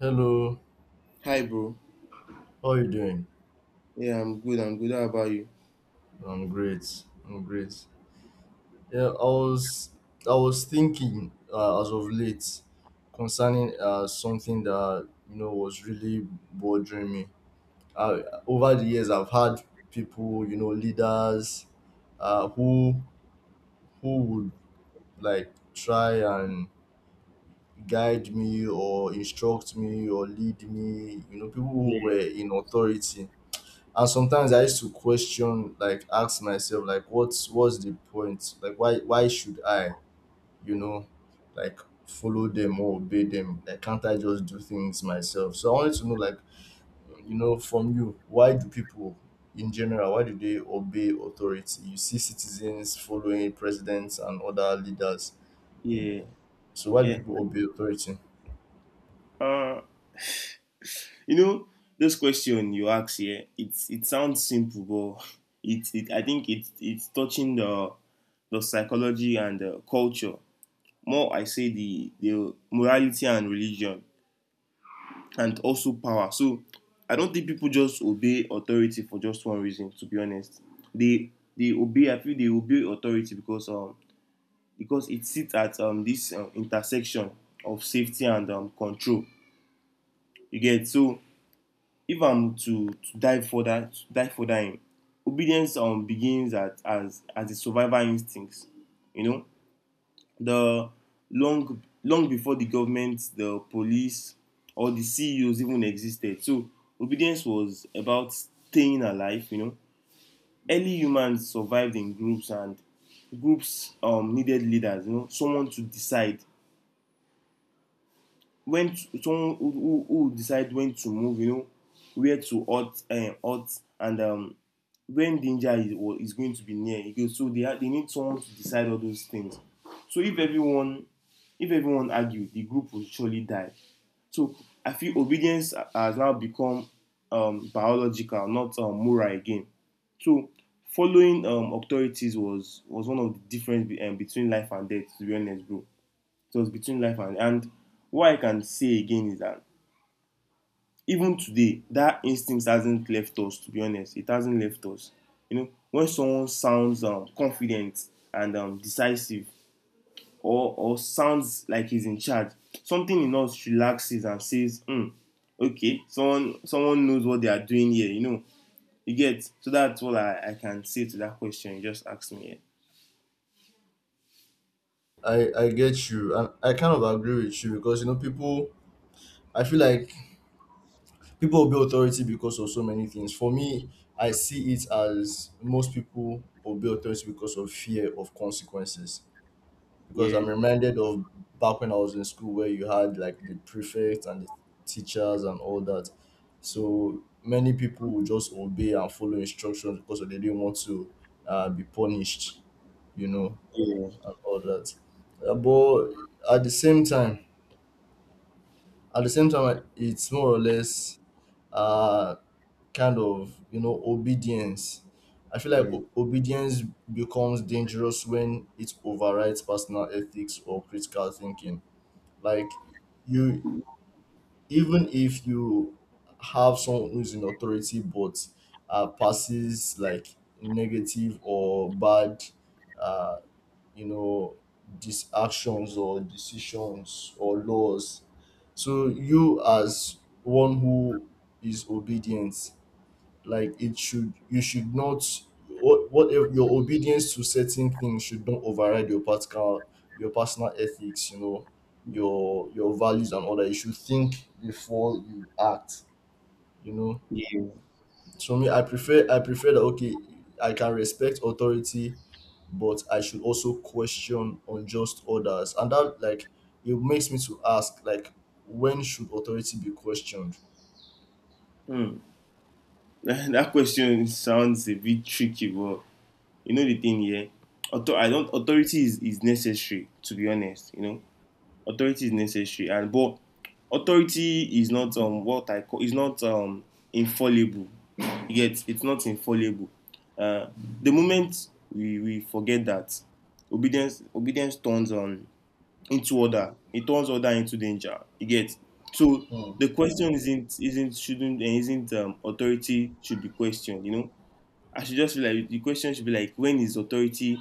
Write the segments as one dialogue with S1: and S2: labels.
S1: Hello,
S2: Hi, bro.
S1: how are you doing?
S2: Yeah, I'm good. I'm good. How about you?
S1: I'm great. I'm great. Yeah, I was I was thinking as of late concerning something that was really bothering me. Uh, Over the years, I've had people, you know, leaders, uh, who who would like try and guide me or instruct me or lead me. You know, people who
S2: Yeah,
S1: were in authority, and sometimes I used to question, like ask myself, like what's the point, like why should I, you know like follow them or obey them? Like, can't I just do things myself? So I wanted to know, like, you know, from you, why do people in general, why do they obey authority? You see citizens following presidents and other leaders, you
S2: yeah,
S1: know, so why do
S2: yeah.
S1: people obey authority?
S2: Uh, you know, this question you ask here, it sounds simple, but it I think it's touching the psychology and the culture. More, I say the morality and religion, and also power. So, I don't think people just obey authority for just one reason. To be honest, they they obey. I feel they obey authority because it sits at this intersection of safety and control. You get. So if I'm to dive further, obedience begins at as a survival instinct. You know, the long before the government, the police, or the CEOs even existed. So obedience was about staying alive. You know, early humans survived in groups, and groups needed leaders. You know, someone to decide someone who decide when to move, you know, where to halt, halt and when danger is, or is going to be near. You so they need someone to decide all those things. So if everyone argued, the group will surely die. So I feel obedience has now become biological, not moral again. So following authorities was one of the difference between life and death. To be honest, bro. It was between life and what I can say again is that even today, that instinct hasn't left us. To be honest, it hasn't left us. You know, when someone sounds confident and decisive, or sounds like he's in charge, something in us relaxes and says, "Hmm, okay, someone knows what they are doing here." You know, you get. So that's all I can say to that question. You just asked me.
S1: I get you, and I kind of agree with you, because, you know, people, I feel like people obey authority because of so many things. For me, I see it as most people obey authority because of fear of consequences, because I'm
S2: Yeah.
S1: reminded of back when I was in school, where you had like the prefect and the teachers and all that. So many people would just obey and follow instructions because they didn't want to be punished, you know,
S2: Yeah.
S1: and all that. But at the same time at the same time, it's more or less uh kind of, you know, obedience, I feel like
S2: Yeah.
S1: obedience becomes dangerous when it overrides personal ethics or critical thinking. Like, you, even if you have someone who's in authority but passes like negative or bad, uh, you know these actions or decisions or laws. So you as one who is obedient, like it should, you should not, what if your obedience to certain things should not override your personal ethics, you know, your values and all that. You should think before you act, you know.
S2: Yeah. Yeah.
S1: So me, I prefer that, okay, I can respect authority, but I should also question unjust orders and that. Like, it makes me to ask, like, when should authority be questioned?
S2: Hmm. That question sounds a bit tricky, but you know the thing here. I don't authority is necessary, to be honest. You know, authority is necessary, and but authority is not what I call is not infallible. Yet it's not infallible. Uh, the moment we forget that obedience turns on into order. It turns order into danger. You get. So
S1: Hmm,
S2: the question isn't shouldn't and isn't authority should be questioned. You know, I should just feel like the question should be like when is authority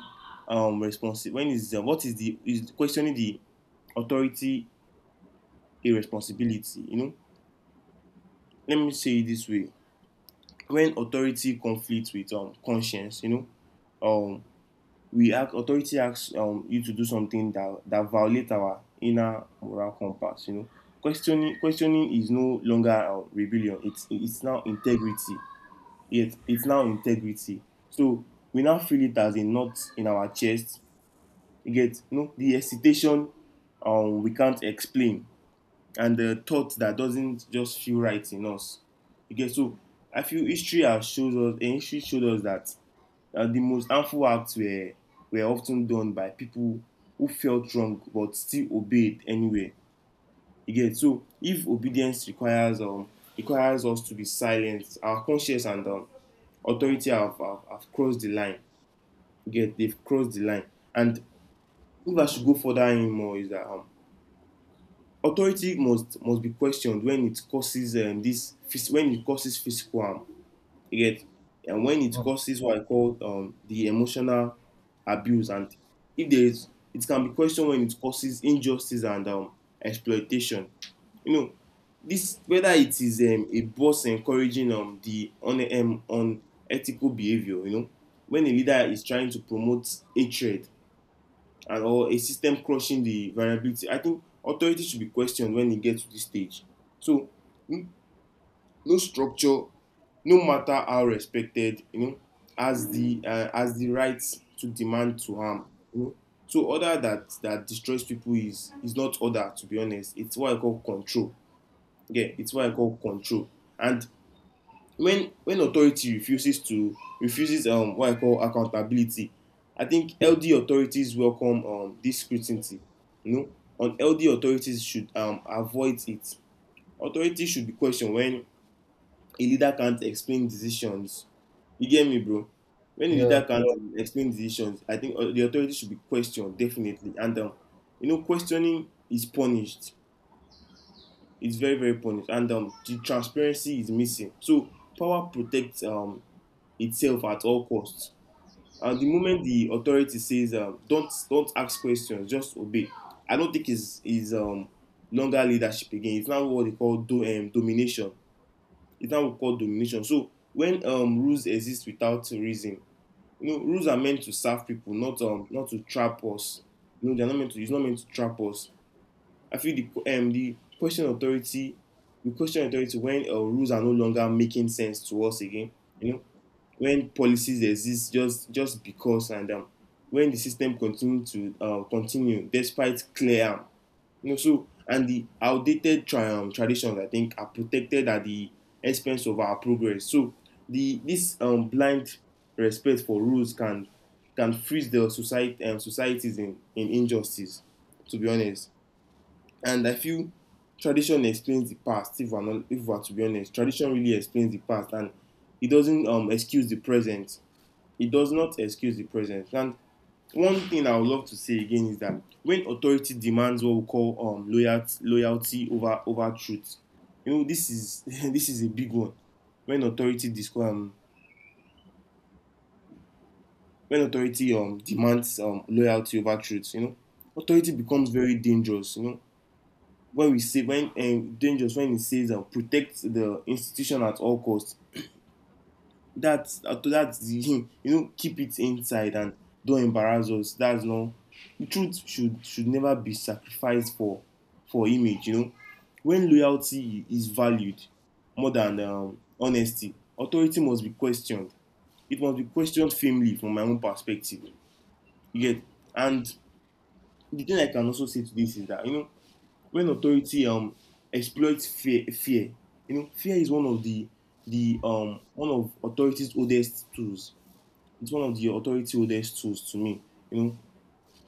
S2: responsible? When is what is the is questioning the authority a responsibility? You know, let me say it this way: when authority conflicts with conscience, you know, um we act authority asks you to do something that violates our inner moral compass, you know, questioning is no longer rebellion. It's now integrity. It's now integrity. So we now feel it as a knot in our chest. You get. You know, the hesitation we can't explain, and the thought that doesn't just feel right in us. You get. So I feel history has shows us, and history showed us that the most harmful acts were often done by people who felt wrong but still obeyed anyway. You get. So if obedience requires requires us to be silent, our conscience and authority have crossed the line. You get. They've crossed the line. And if I should go further anymore is that authority must be questioned when it causes when it causes physical harm. You get. And when it
S1: hmm,
S2: causes what I call the emotional abuse, and if there is, it can be questioned when it causes injustice and exploitation. You know, this whether it is a boss encouraging unethical behavior. You know, when a leader is trying to promote hatred and or a system crushing the variability, I think authority should be questioned when it gets to this stage. So no structure, no matter how respected, you know, has the right to demand to harm, you know. So order that destroys people is not order, to be honest. It's what I call control. Yeah, it's what I call control. And when authority refuses to refuses what I call accountability, I think ld authorities welcome this scrutiny, you know. On ld authorities should avoid it. Authority should be questioned when a leader can't explain decisions. You get me, bro? When a
S1: yeah,
S2: leader can't explain decisions, I think the authority should be questioned definitely. And you know, questioning is punished. It's very punished, and the transparency is missing. So power protects itself at all costs. And the moment the authority says, "Don't ask questions, just obey," I don't think is longer leadership again. It's now what they call do domination. Is that what we call domination. So when rules exist without reason, you know, rules are meant to serve people, not not to trap us. You know, they're not meant to. It's not meant to trap us. I feel the question authority, we question authority when rules are no longer making sense to us again. You know, when policies exist just because, and when the system continue to continue despite clear harm. You know, so and the outdated traditions, I think, are protected at the expense of our progress. So the this blind respect for rules can freeze the society societies in injustice. To be honest, and I feel tradition explains the past. If we're not, if we're to be honest, tradition really explains the past, and it doesn't excuse the present. It does not excuse the present, and one thing I would love to say again is that when authority demands what we call loyalty over truth, you know, this is this is a big one. When when authority demands loyalty over truth, you know, authority becomes very dangerous. You know, when we say when dangerous when it says protect the institution at all costs, that's him, you know, keep it inside, and don't embarrass us. That's not, the truth should never be sacrificed for image, you know. When loyalty is valued more than honesty, authority must be questioned. It must be questioned firmly from my own perspective. You get. And the thing I can also say to this is that, you know, when authority exploits fear, you know, fear is one of the one of authority's oldest tools. It's one of the authority oldest tools to me. You know,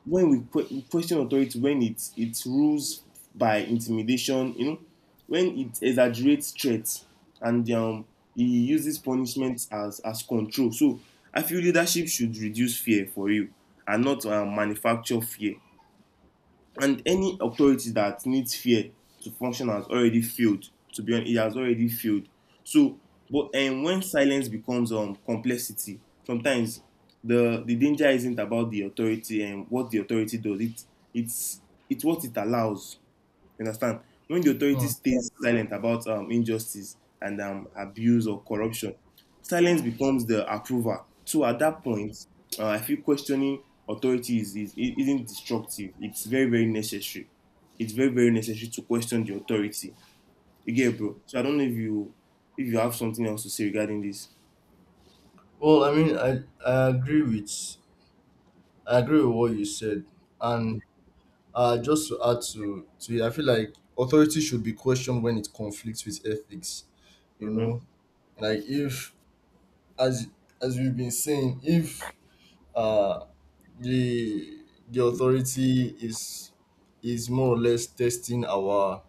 S2: when we, we question authority, when it rules by intimidation, you know, when it exaggerates threats, and he uses punishment as control. So I feel leadership should reduce fear for you, and not manufacture fear. And any authority that needs fear to function has already failed. To be honest, it has already failed. So, but and when silence becomes complexity, sometimes the danger isn't about the authority and what the authority does. It's it's what it allows. You understand? When the authority
S1: hmm.
S2: stays silent about injustice and abuse or corruption, silence becomes the approval. So at that point, I feel questioning authority isn't destructive. It's very, very necessary. It's very, very necessary to question the authority. You get, bro. So I don't know if you, if you have something else to say regarding this.
S1: Well, I mean, I agree with, I agree with what you said, and just to add to it, I feel like authority should be questioned when it conflicts with ethics. You
S2: Mm-hmm.
S1: know, like if, as, as we've been saying, if uh the the authority is more or less testing our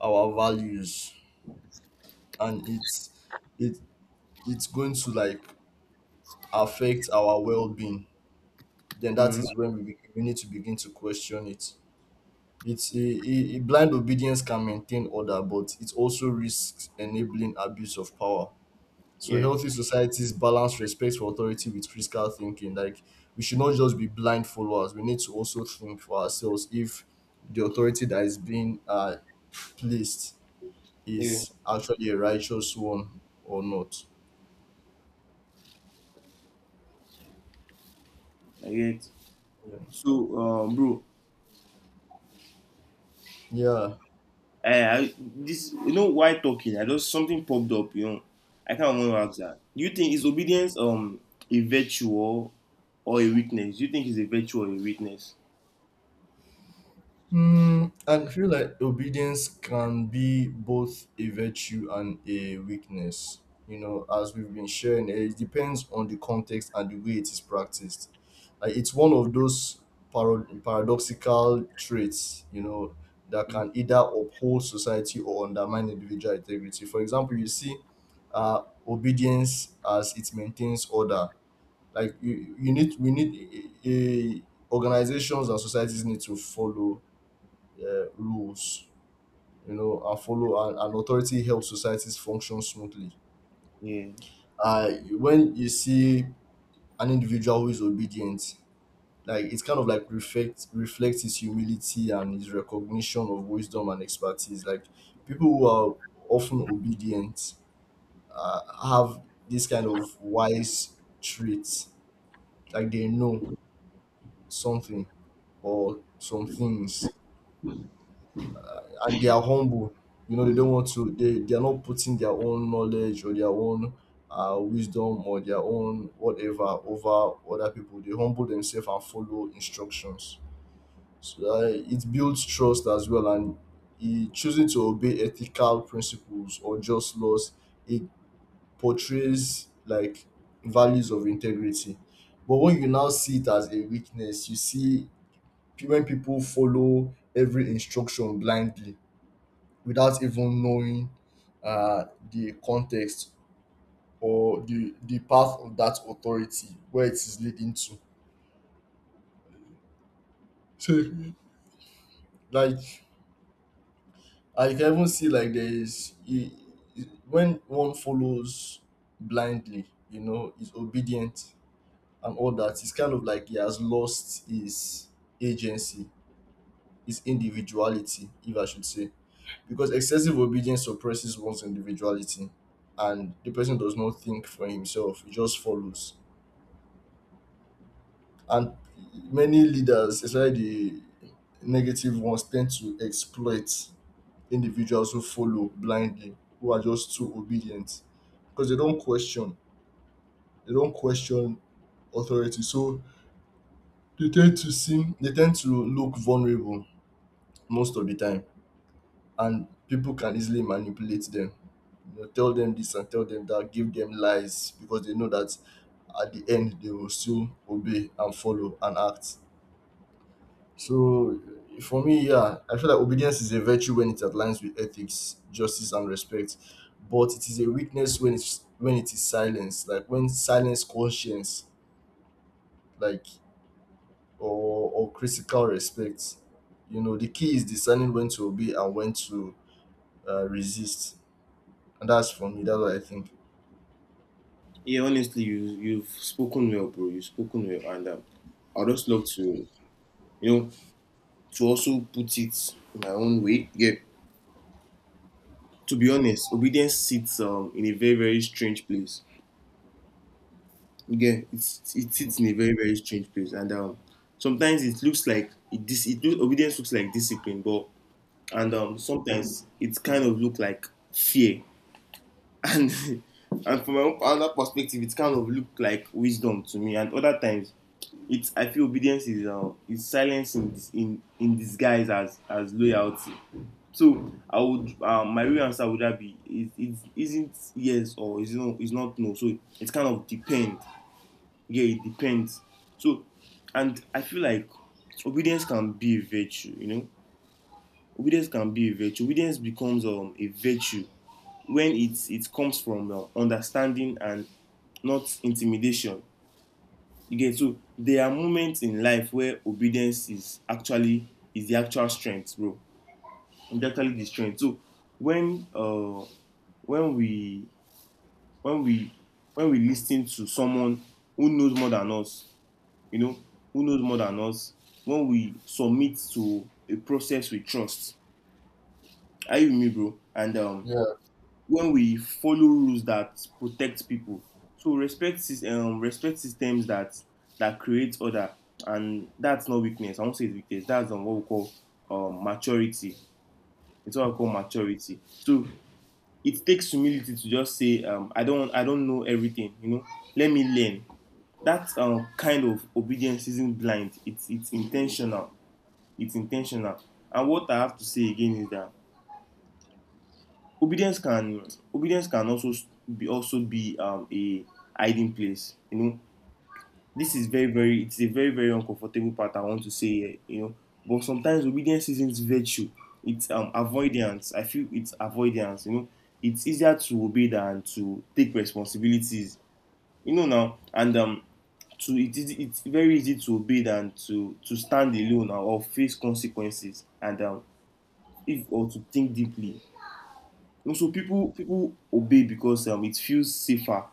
S1: our values, and it it's going to like affect our well being, then that
S2: Mm-hmm.
S1: is when we need to begin to question it. It's a blind obedience can maintain order, but it also risks enabling abuse of power. So
S2: Yeah.
S1: healthy societies balance respect for authority with critical thinking. Like, we should not just be blind followers. We need to also think for ourselves if the authority that is being placed
S2: Yeah.
S1: is actually a righteous one or not.
S2: I get.
S1: Yeah.
S2: So, bro,
S1: Yeah.
S2: This you know while talking, I just something popped up. You know, I can't remember how to. Do you think is obedience a virtue, or a weakness? Do you think it's a virtue or a weakness?
S1: Mm, I feel like obedience can be both a virtue and a weakness. You know, as we've been sharing, eh, it depends on the context and the way it is practiced. Like, it's one of those paradoxical traits, you know, that can either uphold society or undermine individual integrity. For example, you see obedience as it maintains order. Like, we need organizations and societies need to follow rules, you know, and follow, and authority helps societies function smoothly.
S2: Yeah,
S1: Uh, when you see an individual who is obedient, like, it's kind of like reflects his humility and his recognition of wisdom and expertise. Like, people who are often obedient uh, have this kind of wise traits. Like, they know something or some things, and they are humble. You know, they don't want to. They are not putting their own knowledge or their own wisdom or their own whatever over other people. They humble themselves and follow instructions. So it builds trust as well, and eh, choosing to obey ethical principles or just laws, it portrays like values of integrity. But when you now see it as a weakness, you see, when people follow every instruction blindly without even knowing uh, the context or the path of that authority, where it is leading to. So, like, I can even see, like, there is when one follows blindly, you know, is obedient and all that, it's kind of like he has lost his agency, his individuality, if I should say, because excessive obedience suppresses one's individuality, and the person does not think for himself; he just follows. And many leaders, especially the negative ones, tend to exploit individuals who follow blindly, who are just too obedient, because they don't question. They don't question authority, so they tend to seem, they tend to look vulnerable most of the time, and people can easily manipulate them. You know, tell them this and tell them that, give them lies, because they know that at the end they will still obey and follow and act. So for me, yeah, I feel like obedience is a virtue when it aligns with ethics, justice, and respect. But it is a weakness when it's when it is silence, like when silence conscience, like, or critical respect. You know, the key is discerning when to obey and when to resist, and that's for me. That's what I think.
S2: yeah. Honestly, you've spoken well, bro. You've spoken well, and I would just love to, you know, to also put it my own way. Yeah. To be honest, obedience sits in a very strange place. Yeah, it
S1: Mm.
S2: sits in a very strange place, and sometimes it looks like it dis it looks, obedience looks like discipline, but and sometimes it kind of look like fear, and and from my own other perspective, it kind of look like wisdom to me, and other times, it's I feel obedience is is silence in disguise as loyalty. So I would my real answer would that be it isn't yes or is not no. So it kind of depends, yeah, it depends. so and I feel like obedience can be a virtue. Obedience can be a virtue. Obedience becomes a virtue when it comes from understanding and not intimidation. You get, so there are moments in life where obedience is actually is the actual strength, bro. It's actually the strength. So when uh when we when we when we listen to someone who knows more than us, you know, who knows more than us, when we submit to a process we trust, are you with me, bro? And
S1: Yeah,
S2: when we follow rules that protect people, so respect systems that create order, and that's not weakness. I won't say it's weakness. That's what we call maturity. It's what I call maturity. So it takes humility to just say, I don't know everything. You know, let me learn. That kind of obedience isn't blind. It's intentional. It's intentional. And what I have to say again is that obedience can obedience can also be a hiding place, you know. This is very very, it's a very very uncomfortable part I want to say here, you know. But sometimes obedience isn't virtue, it's avoidance, I feel it's avoidance, you know. It's easier to obey than to take responsibilities, you know. Now and to It is, it's very easy to obey than to stand alone or face consequences, and if or to think deeply. Also, people obey because it feels safer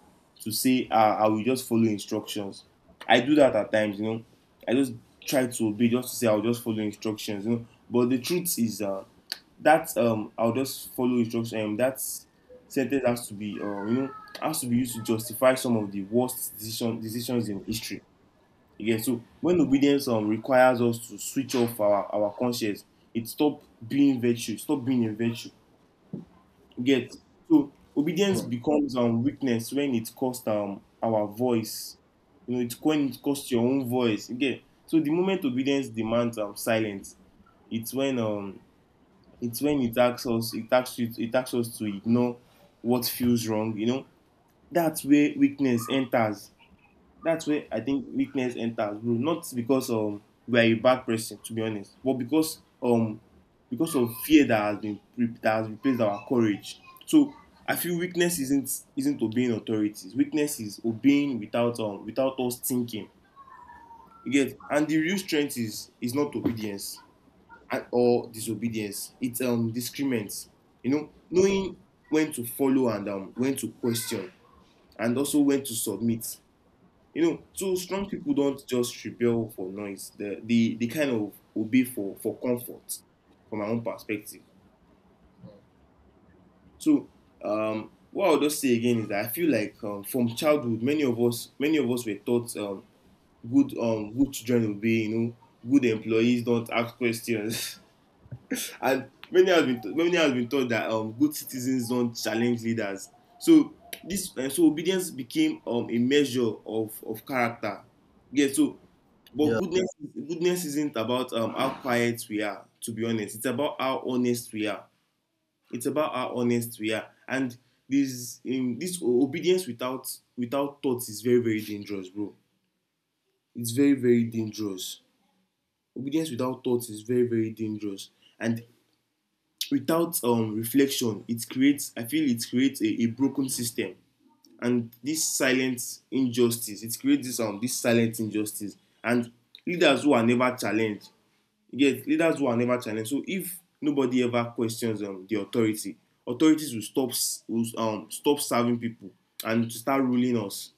S2: to say, ah, I will just follow instructions. I do that at times, you know. I just try to obey just to say I'll just follow instructions, you know. But the truth is that I'll just follow instructions. That sentence has to be, you know, has to be used to justify some of the worst decisions in history. You so when obedience requires us to switch off our conscience, it stop being stop being a virtue. Get, so obedience
S1: mm.
S2: becomes weakness when it costs our voice. You know, it when it costs your own voice. You get, so the moment obedience demands silence, it's when um it's when it asks us it asks you it asks us to ignore what feels wrong. You know, that's where weakness enters, that's where I think weakness enters, bro. Not because we are a bad person, to be honest, but because of fear that has replaced our courage. So I feel weakness isn't obeying authorities. Weakness is obeying without without us thinking. You get, and the real strength is not obedience or disobedience. It's discernment. You know, knowing when to follow and when to question and also when to submit. You know, so strong people don't just rebel for noise. They kind of obey for comfort, from my own perspective. So what I'll just say again is that I feel like from childhood, many of us were taught good children obey. You know, good employees don't ask questions. And many has been taught that good citizens don't challenge leaders. So this so obedience became a measure of character. Yeah. So, but
S1: Yeah,
S2: goodness goodness isn't about how quiet we are. To be honest, it's about how honest we are. It's about how honest we are. And obedience without thoughts is very very dangerous, bro. It's very very dangerous. Obedience without thoughts is very very dangerous. And without reflection, it creates, I feel it creates a broken system, and this silent injustice, it creates this silent injustice, and leaders who are never challenged. You get, leaders who are never challenged. So if nobody ever questions the authority, authorities will stop, will stop serving people and to start ruling us.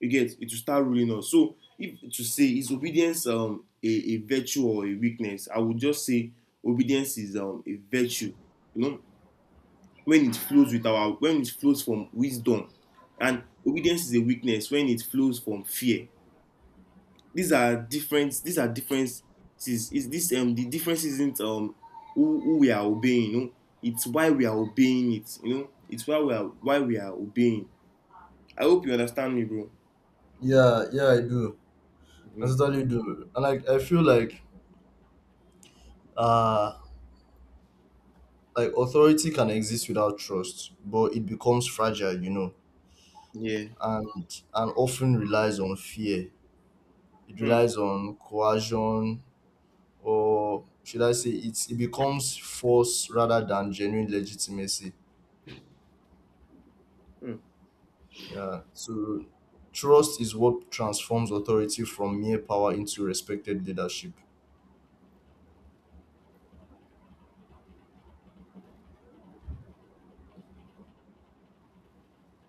S2: You get, it will start ruling us. So if to say is obedience a virtue or a weakness, I would just say obedience is a virtue, you know, when it flows from wisdom, and obedience is a weakness when it flows from fear. These are different, these are differences. Is this The difference isn't who we are obeying, you know. It's why we are obeying it, you know. It's why we are obeying. I hope you understand me, bro.
S1: yeah, yeah. I do. I
S2: Mm,
S1: totally do, and like I feel uh like authority can exist without trust, but it becomes fragile, you know,
S2: yeah.
S1: and often relies on fear. It
S2: Mm,
S1: relies on coercion, or should I say, it becomes force rather than genuine legitimacy.
S2: mm,
S1: Yeah. So trust is what transforms authority from mere power into respected leadership.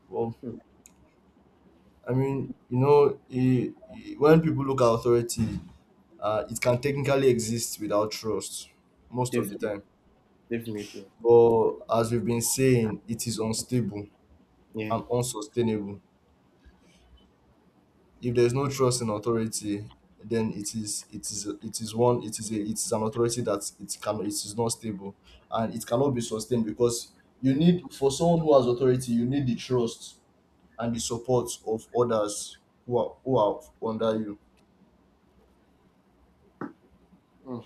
S1: Well,
S2: mm.
S1: I mean, you know, when people look at authority, it can technically exist without trust most of the
S2: Definitely,
S1: time.
S2: definitely,
S1: But as we've been saying, it is unstable
S2: yeah.
S1: and unsustainable. If there's no trust in authority, then it is it is it is one it is a it is an authority that it can, it is not stable, and it cannot be sustained, because you need, for someone who has authority, you need the trust and the support of others who are under you.
S2: Mm,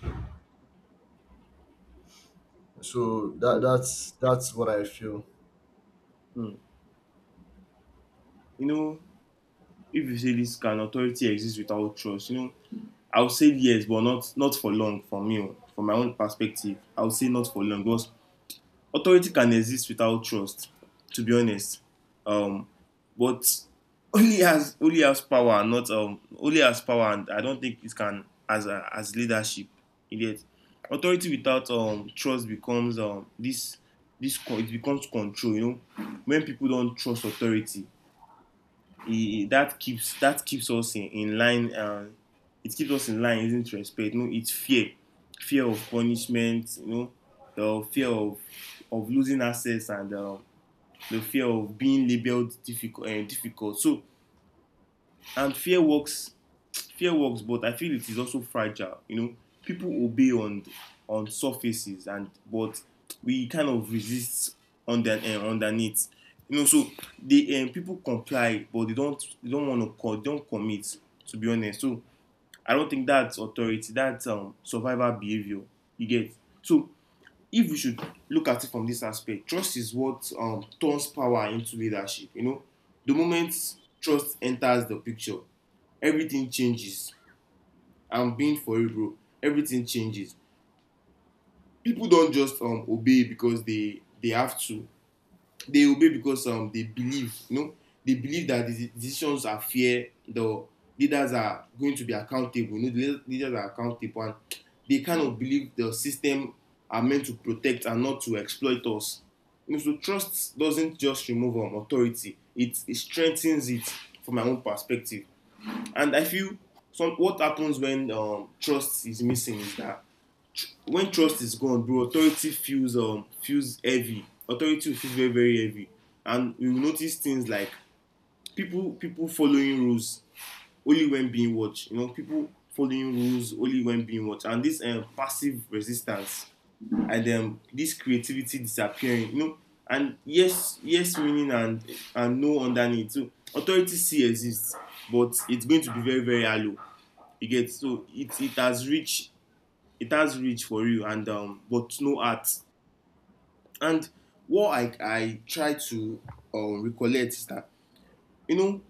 S1: So that
S2: mm.
S1: that's that's what I feel.
S2: Mm. You know, if you say this, can authority exist without trust? You know, I would say yes, but not for long for me, oh, from my own perspective. I would say not for long, because authority can exist without trust, to be honest. Um, but, only has, only has power, not only has power, and I don't think it can as as leadership. Yet, authority without trust becomes it becomes control. You know, when people don't trust authority, he, that keeps us in line. It keeps us in line. Isn't respect? No, it's fear, fear of punishment. You know, the fear of losing access, and the fear of being labeled difficult. Difficult. So, and fear works, but I feel it is also fragile. You know, people obey on surfaces, and but we kind of resist under, underneath. You know, so they people comply, but they don't want to they don't commit. To be honest. So I don't think that's authority. That's survival behavior. You get. So if we should look at it from this aspect, trust is what turns power into leadership. You know, the moment trust enters the picture, everything changes. I'm being for you, bro. Everything changes. People don't just obey because they have to. They obey because they believe, you know, they believe that the decisions are fair. The leaders are going to be accountable. You know, leaders are accountable, and they kind of believe the system are meant to protect and not to exploit us. You know, so trust doesn't just remove authority; it strengthens it, from my own perspective. And I feel some what happens when trust is missing is that when trust is gone, bro, authority feels feels heavy. Authority will feel very very heavy, and we will notice things like people following rules only when being watched. You know, people following rules only when being watched, and this passive resistance, and this creativity disappearing. You know, and yes meaning, and no underneath. So authority still exists, but it's going to be very very hollow. You get, so it has reached, it has reach for you, and but no art. And what I try to recollect is that, you know,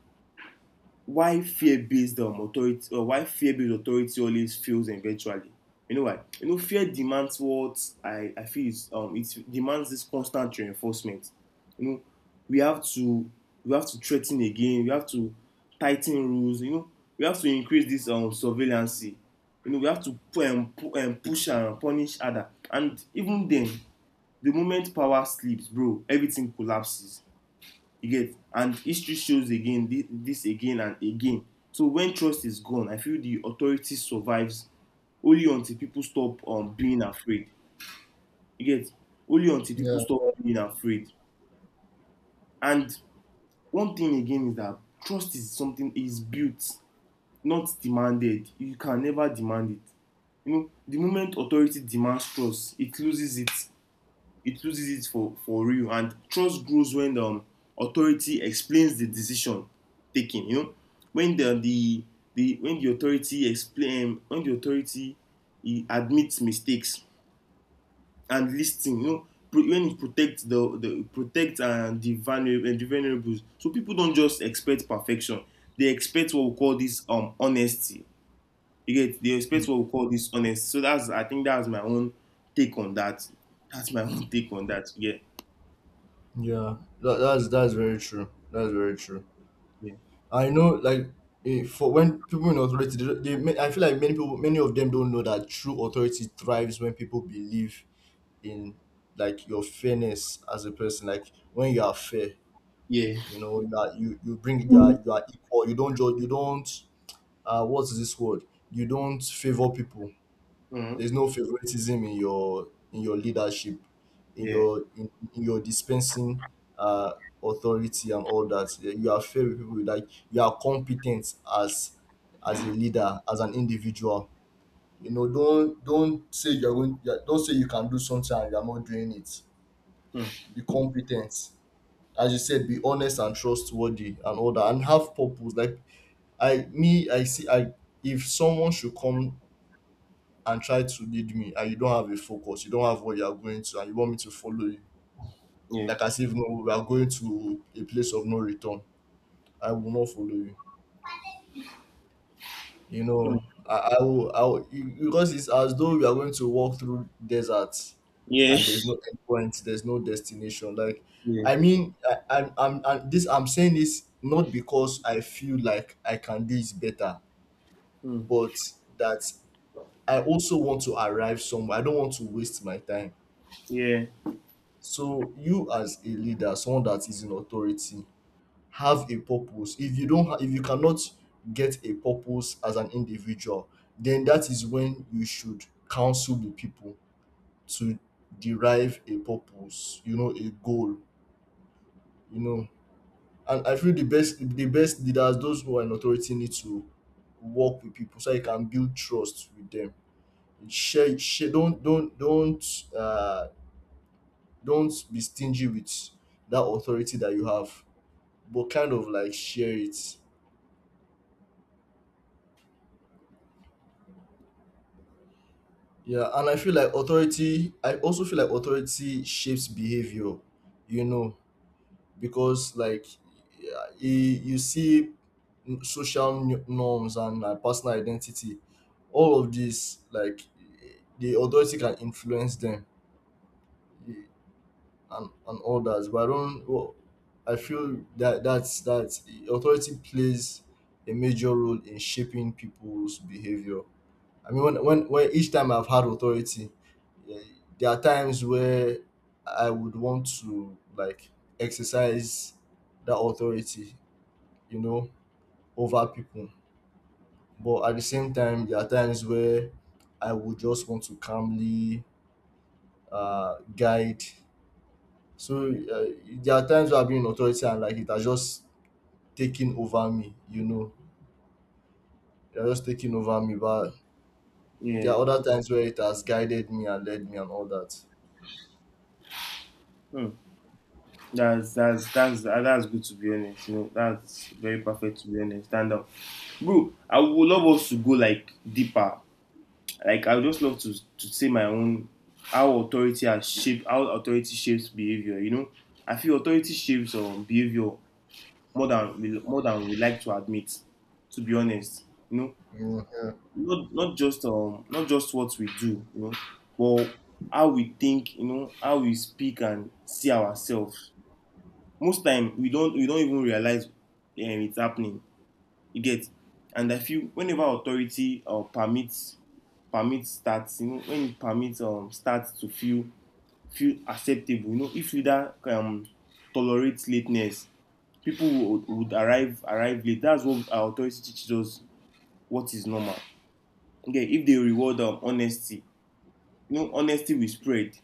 S2: why fear-based authority always fails eventually. You know why? You know, fear demands what I feel is, it demands this constant reinforcement. You know, we have to, we have to threaten again, we have to tighten rules, you know, we have to increase this surveillance. You know, we have to push and punish other. And even then, the moment power slips, bro, everything collapses. You get, and history shows again this, this again and again. So when trust is gone, I feel the authority survives only until people stop being afraid. You get, only until
S1: Yeah.
S2: people stop being afraid. And one thing again is that trust is something is built, not demanded. You can never demand it. You know, the moment authority demands trust, it loses it. It loses it for real. And trust grows when the authority explains the decision taken, you know, when the when the authority explain when the authority e admits mistakes and listing. You know, pro when it protects the vulnerable and the vulnerables. So people don't just expect perfection, they expect what we call this honesty. You get, they expect
S1: Mm.
S2: what we call this honesty. So that's, I think that's my own take on that. That's my own take on that, yeah.
S1: Yeah, that, that's very true. That's very true.
S2: Yeah.
S1: I know, like, eh, for when people in authority, they, don't- they, ma- I feel like many people, many of them don't know that true authority thrives when people believe in like your fairness as a person. Like, when you are fair,
S2: Yeah.
S1: you know that you are equal. You don't judge. You don't. What is this word? You don't favor people.
S2: Mm.
S1: There's no favoritism in your leadership,
S2: Yeah.
S1: in your dispensing uh, authority and all that. Yeah, you are fair with people. Like, you are competent as a leader, as an individual. You know, don't say you're going. Yeah, don't say you can do something and you're not doing it. Be competent, as you said. Be honest and trustworthy and all that, and have purpose. Like, I, me, I see. I, if someone should come and try to lead me, and you don't have a focus, you don't have where you are going to and you want me to follow you,
S2: Yeah.
S1: like, as if no, we are going to a place of no return. I will not follow you. You
S2: Mm.
S1: know, I will, because it's as though we are going to walk through deserts
S2: Yeah.
S1: and there's no end point, there's no destination. Like, I
S2: Yeah.
S1: mean, I, I'm, this, I'm saying this not because I feel like I can do it better,
S2: Mm.
S1: but that I also want to arrive somewhere. I don't want to waste my time.
S2: Yeah.
S1: So you, as a leader, someone that is in authority, have a purpose. If you don't ha- if you cannot get a purpose as an individual, then that is when you should counsel the people to derive a purpose, you know, a goal, you know. And I feel the best, the best leaders, those who are in authority, need to work with people so you can build trust with them. Share, don't uh don't be stingy with that authority that you have, but kind of like share it. Yeah, and I feel like authority, I also feel like authority shapes behavior, you know, because, like, yeah, you see social norms and personal identity, all of these, like, the authority can influence them, eh, and all that. But I don't, well, I feel that that's that authority plays a major role in shaping people's behavior. I mean, when, when each time I've had authority, eh, there are times where I would want to like exercise that authority, you know, over people. But at the same time, there are times where I would just want to calmly guide. So there are times where I've been in authority and, like, it has just taken over me, you know, it has just taken over me. But there
S2: Yeah.
S1: are other times where it has guided me and led me and all that.
S2: Mm. That's that's good, to be honest. You know, that's very perfect, to be honest. Stand up, bro. I would love us to go like deeper. Like I would just love to say my own how authority shapes behavior. You know, I feel authority shapes behavior more than we, more than we like to admit. To be honest, you know,
S1: Yeah.
S2: not just not just what we do, you know, but how we think, you know, how we speak and see ourselves. Most time we don't even realize it's happening. You get, and I feel whenever authority permits starts, you know, when it permits starts to feel acceptable, you know, if leader tolerates lateness, people would arrive late. That's what our authority teaches us what is normal. Okay, if they reward honesty, you know, honesty will spread.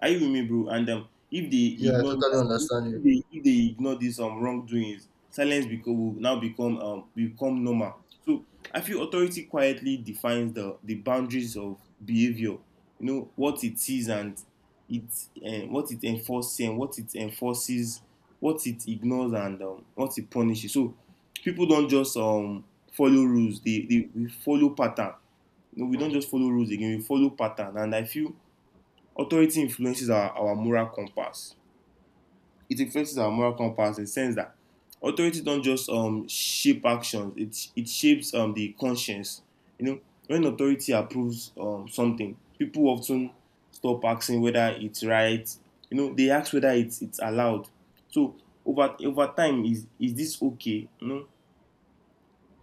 S2: Are you with me, bro? And if they
S1: Yeah, I
S2: ignore
S1: totally
S2: this
S1: understand you.
S2: if they ignore these wrongdoings, silence become will now become become normal. So I feel authority quietly defines the boundaries of behavior, you know, what it sees and it what it enforces and what it enforces, what it ignores, and what it punishes. So people don't just follow rules, they we follow pattern. You know, we don't just follow rules again, we follow pattern. And I feel authority influences our moral compass. It influences our moral compass in the sense that authority don't just shape actions; it shapes the conscience. You know, when authority approves something, people often stop asking whether it's right. You know, they ask whether it's allowed. So over time, is this okay, you know,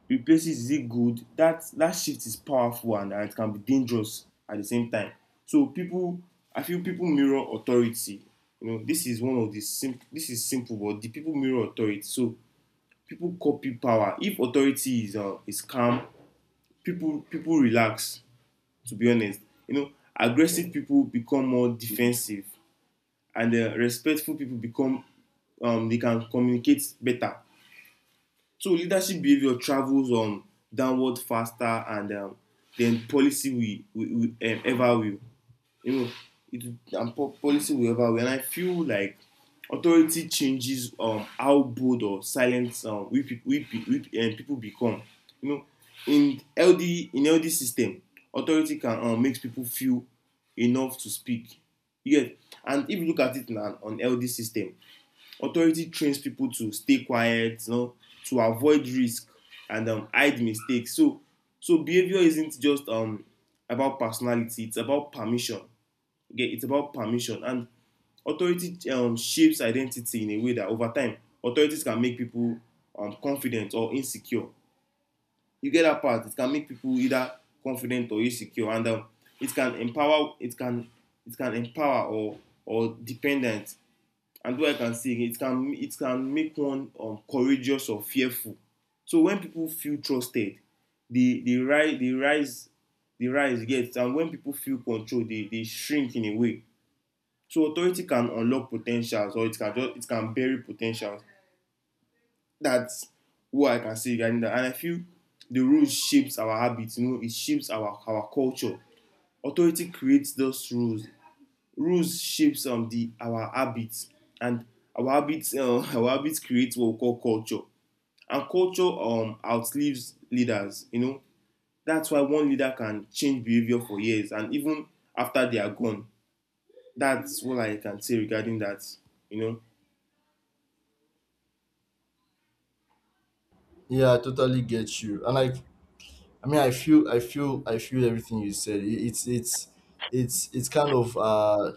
S2: replaces is it good. That that shift is powerful, and it can be dangerous at the same time. So people, I feel people mirror authority. You know, this is one of the sim this is simple, but the people mirror authority. So people copy power. If authority is calm, people relax, to be honest, you know. Aggressive people become more defensive, and respectful people become, they can communicate better. So leadership behavior travels downward faster and than policy we ever will. You know, policy will ever will. And I feel like authority changes how bold or silent people become. You know, in LD, in LD system, authority can makes people feel enough to speak. Yet, and if you look at it now on LD system, authority trains people to stay quiet, you know, to avoid risk and hide mistakes. So so behavior isn't just about personality, it's about permission. Okay, it's about permission. And authority shapes identity in a way that over time authorities can make people confident or insecure. You get that part, it can make people either confident or insecure. And it can empower, it can empower or dependent. And what I can say again, it can make one courageous or fearful. So when people feel trusted, they they rise they rise they rise get, and when people feel controlled, they shrink in a way. So authority can unlock potentials, or it can just it can bury potentials. That's what I can say regarding that. And I feel the rules shapes our habits. You know, it shapes our culture. Authority creates those rules. Rules shapes the our habits, and our habits our habits create what we call culture. And culture outlives leaders. You know, that's why one leader can change behavior for years, and even after they are gone. That's what I can say regarding that. You know,
S1: Yeah, I totally get you. And, like, I mean, I feel everything you said. It's kind of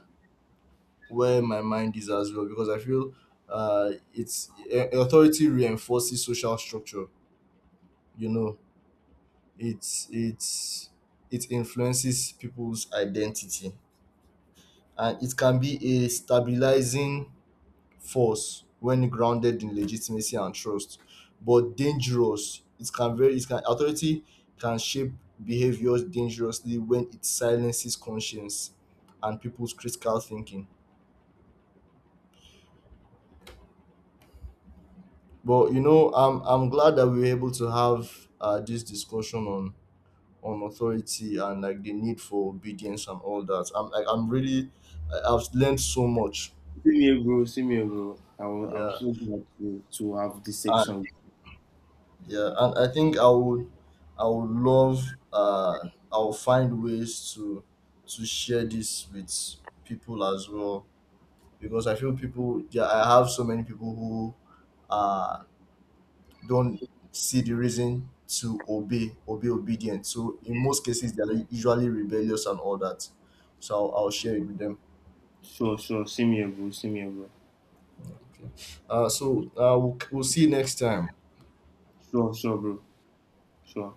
S1: where my mind is as well, because I feel it's eh, authority reinforces social structure. You know, it's, it's, it influences people's identity, and it can be a stabilizing false when grounded in legitimacy and trust, but dangerous. It can very it can authority can shape behaviors dangerously when it silences conscience and people's critical thinking. But you know, I'm glad that we were able to have this discussion on authority and, like, the need for obedience and all that. I'm, like, I'm really, I've learned so much.
S2: same here, bro. Same here, bro. I was, I'm
S1: Yeah.
S2: so glad to have this section.
S1: Yeah, and I think I would love, I'll find ways to share this with people as well, because I feel people, yeah, I have so many people who uh don't see the reason to obey obey obedient, so in most cases they're, like, usually rebellious and all that. So I'll share it with them.
S2: Sure, sure. Same here, bro. Same here, bro.
S1: Okay. So we'll see you next time.
S2: Sure, sure, bro. Sure.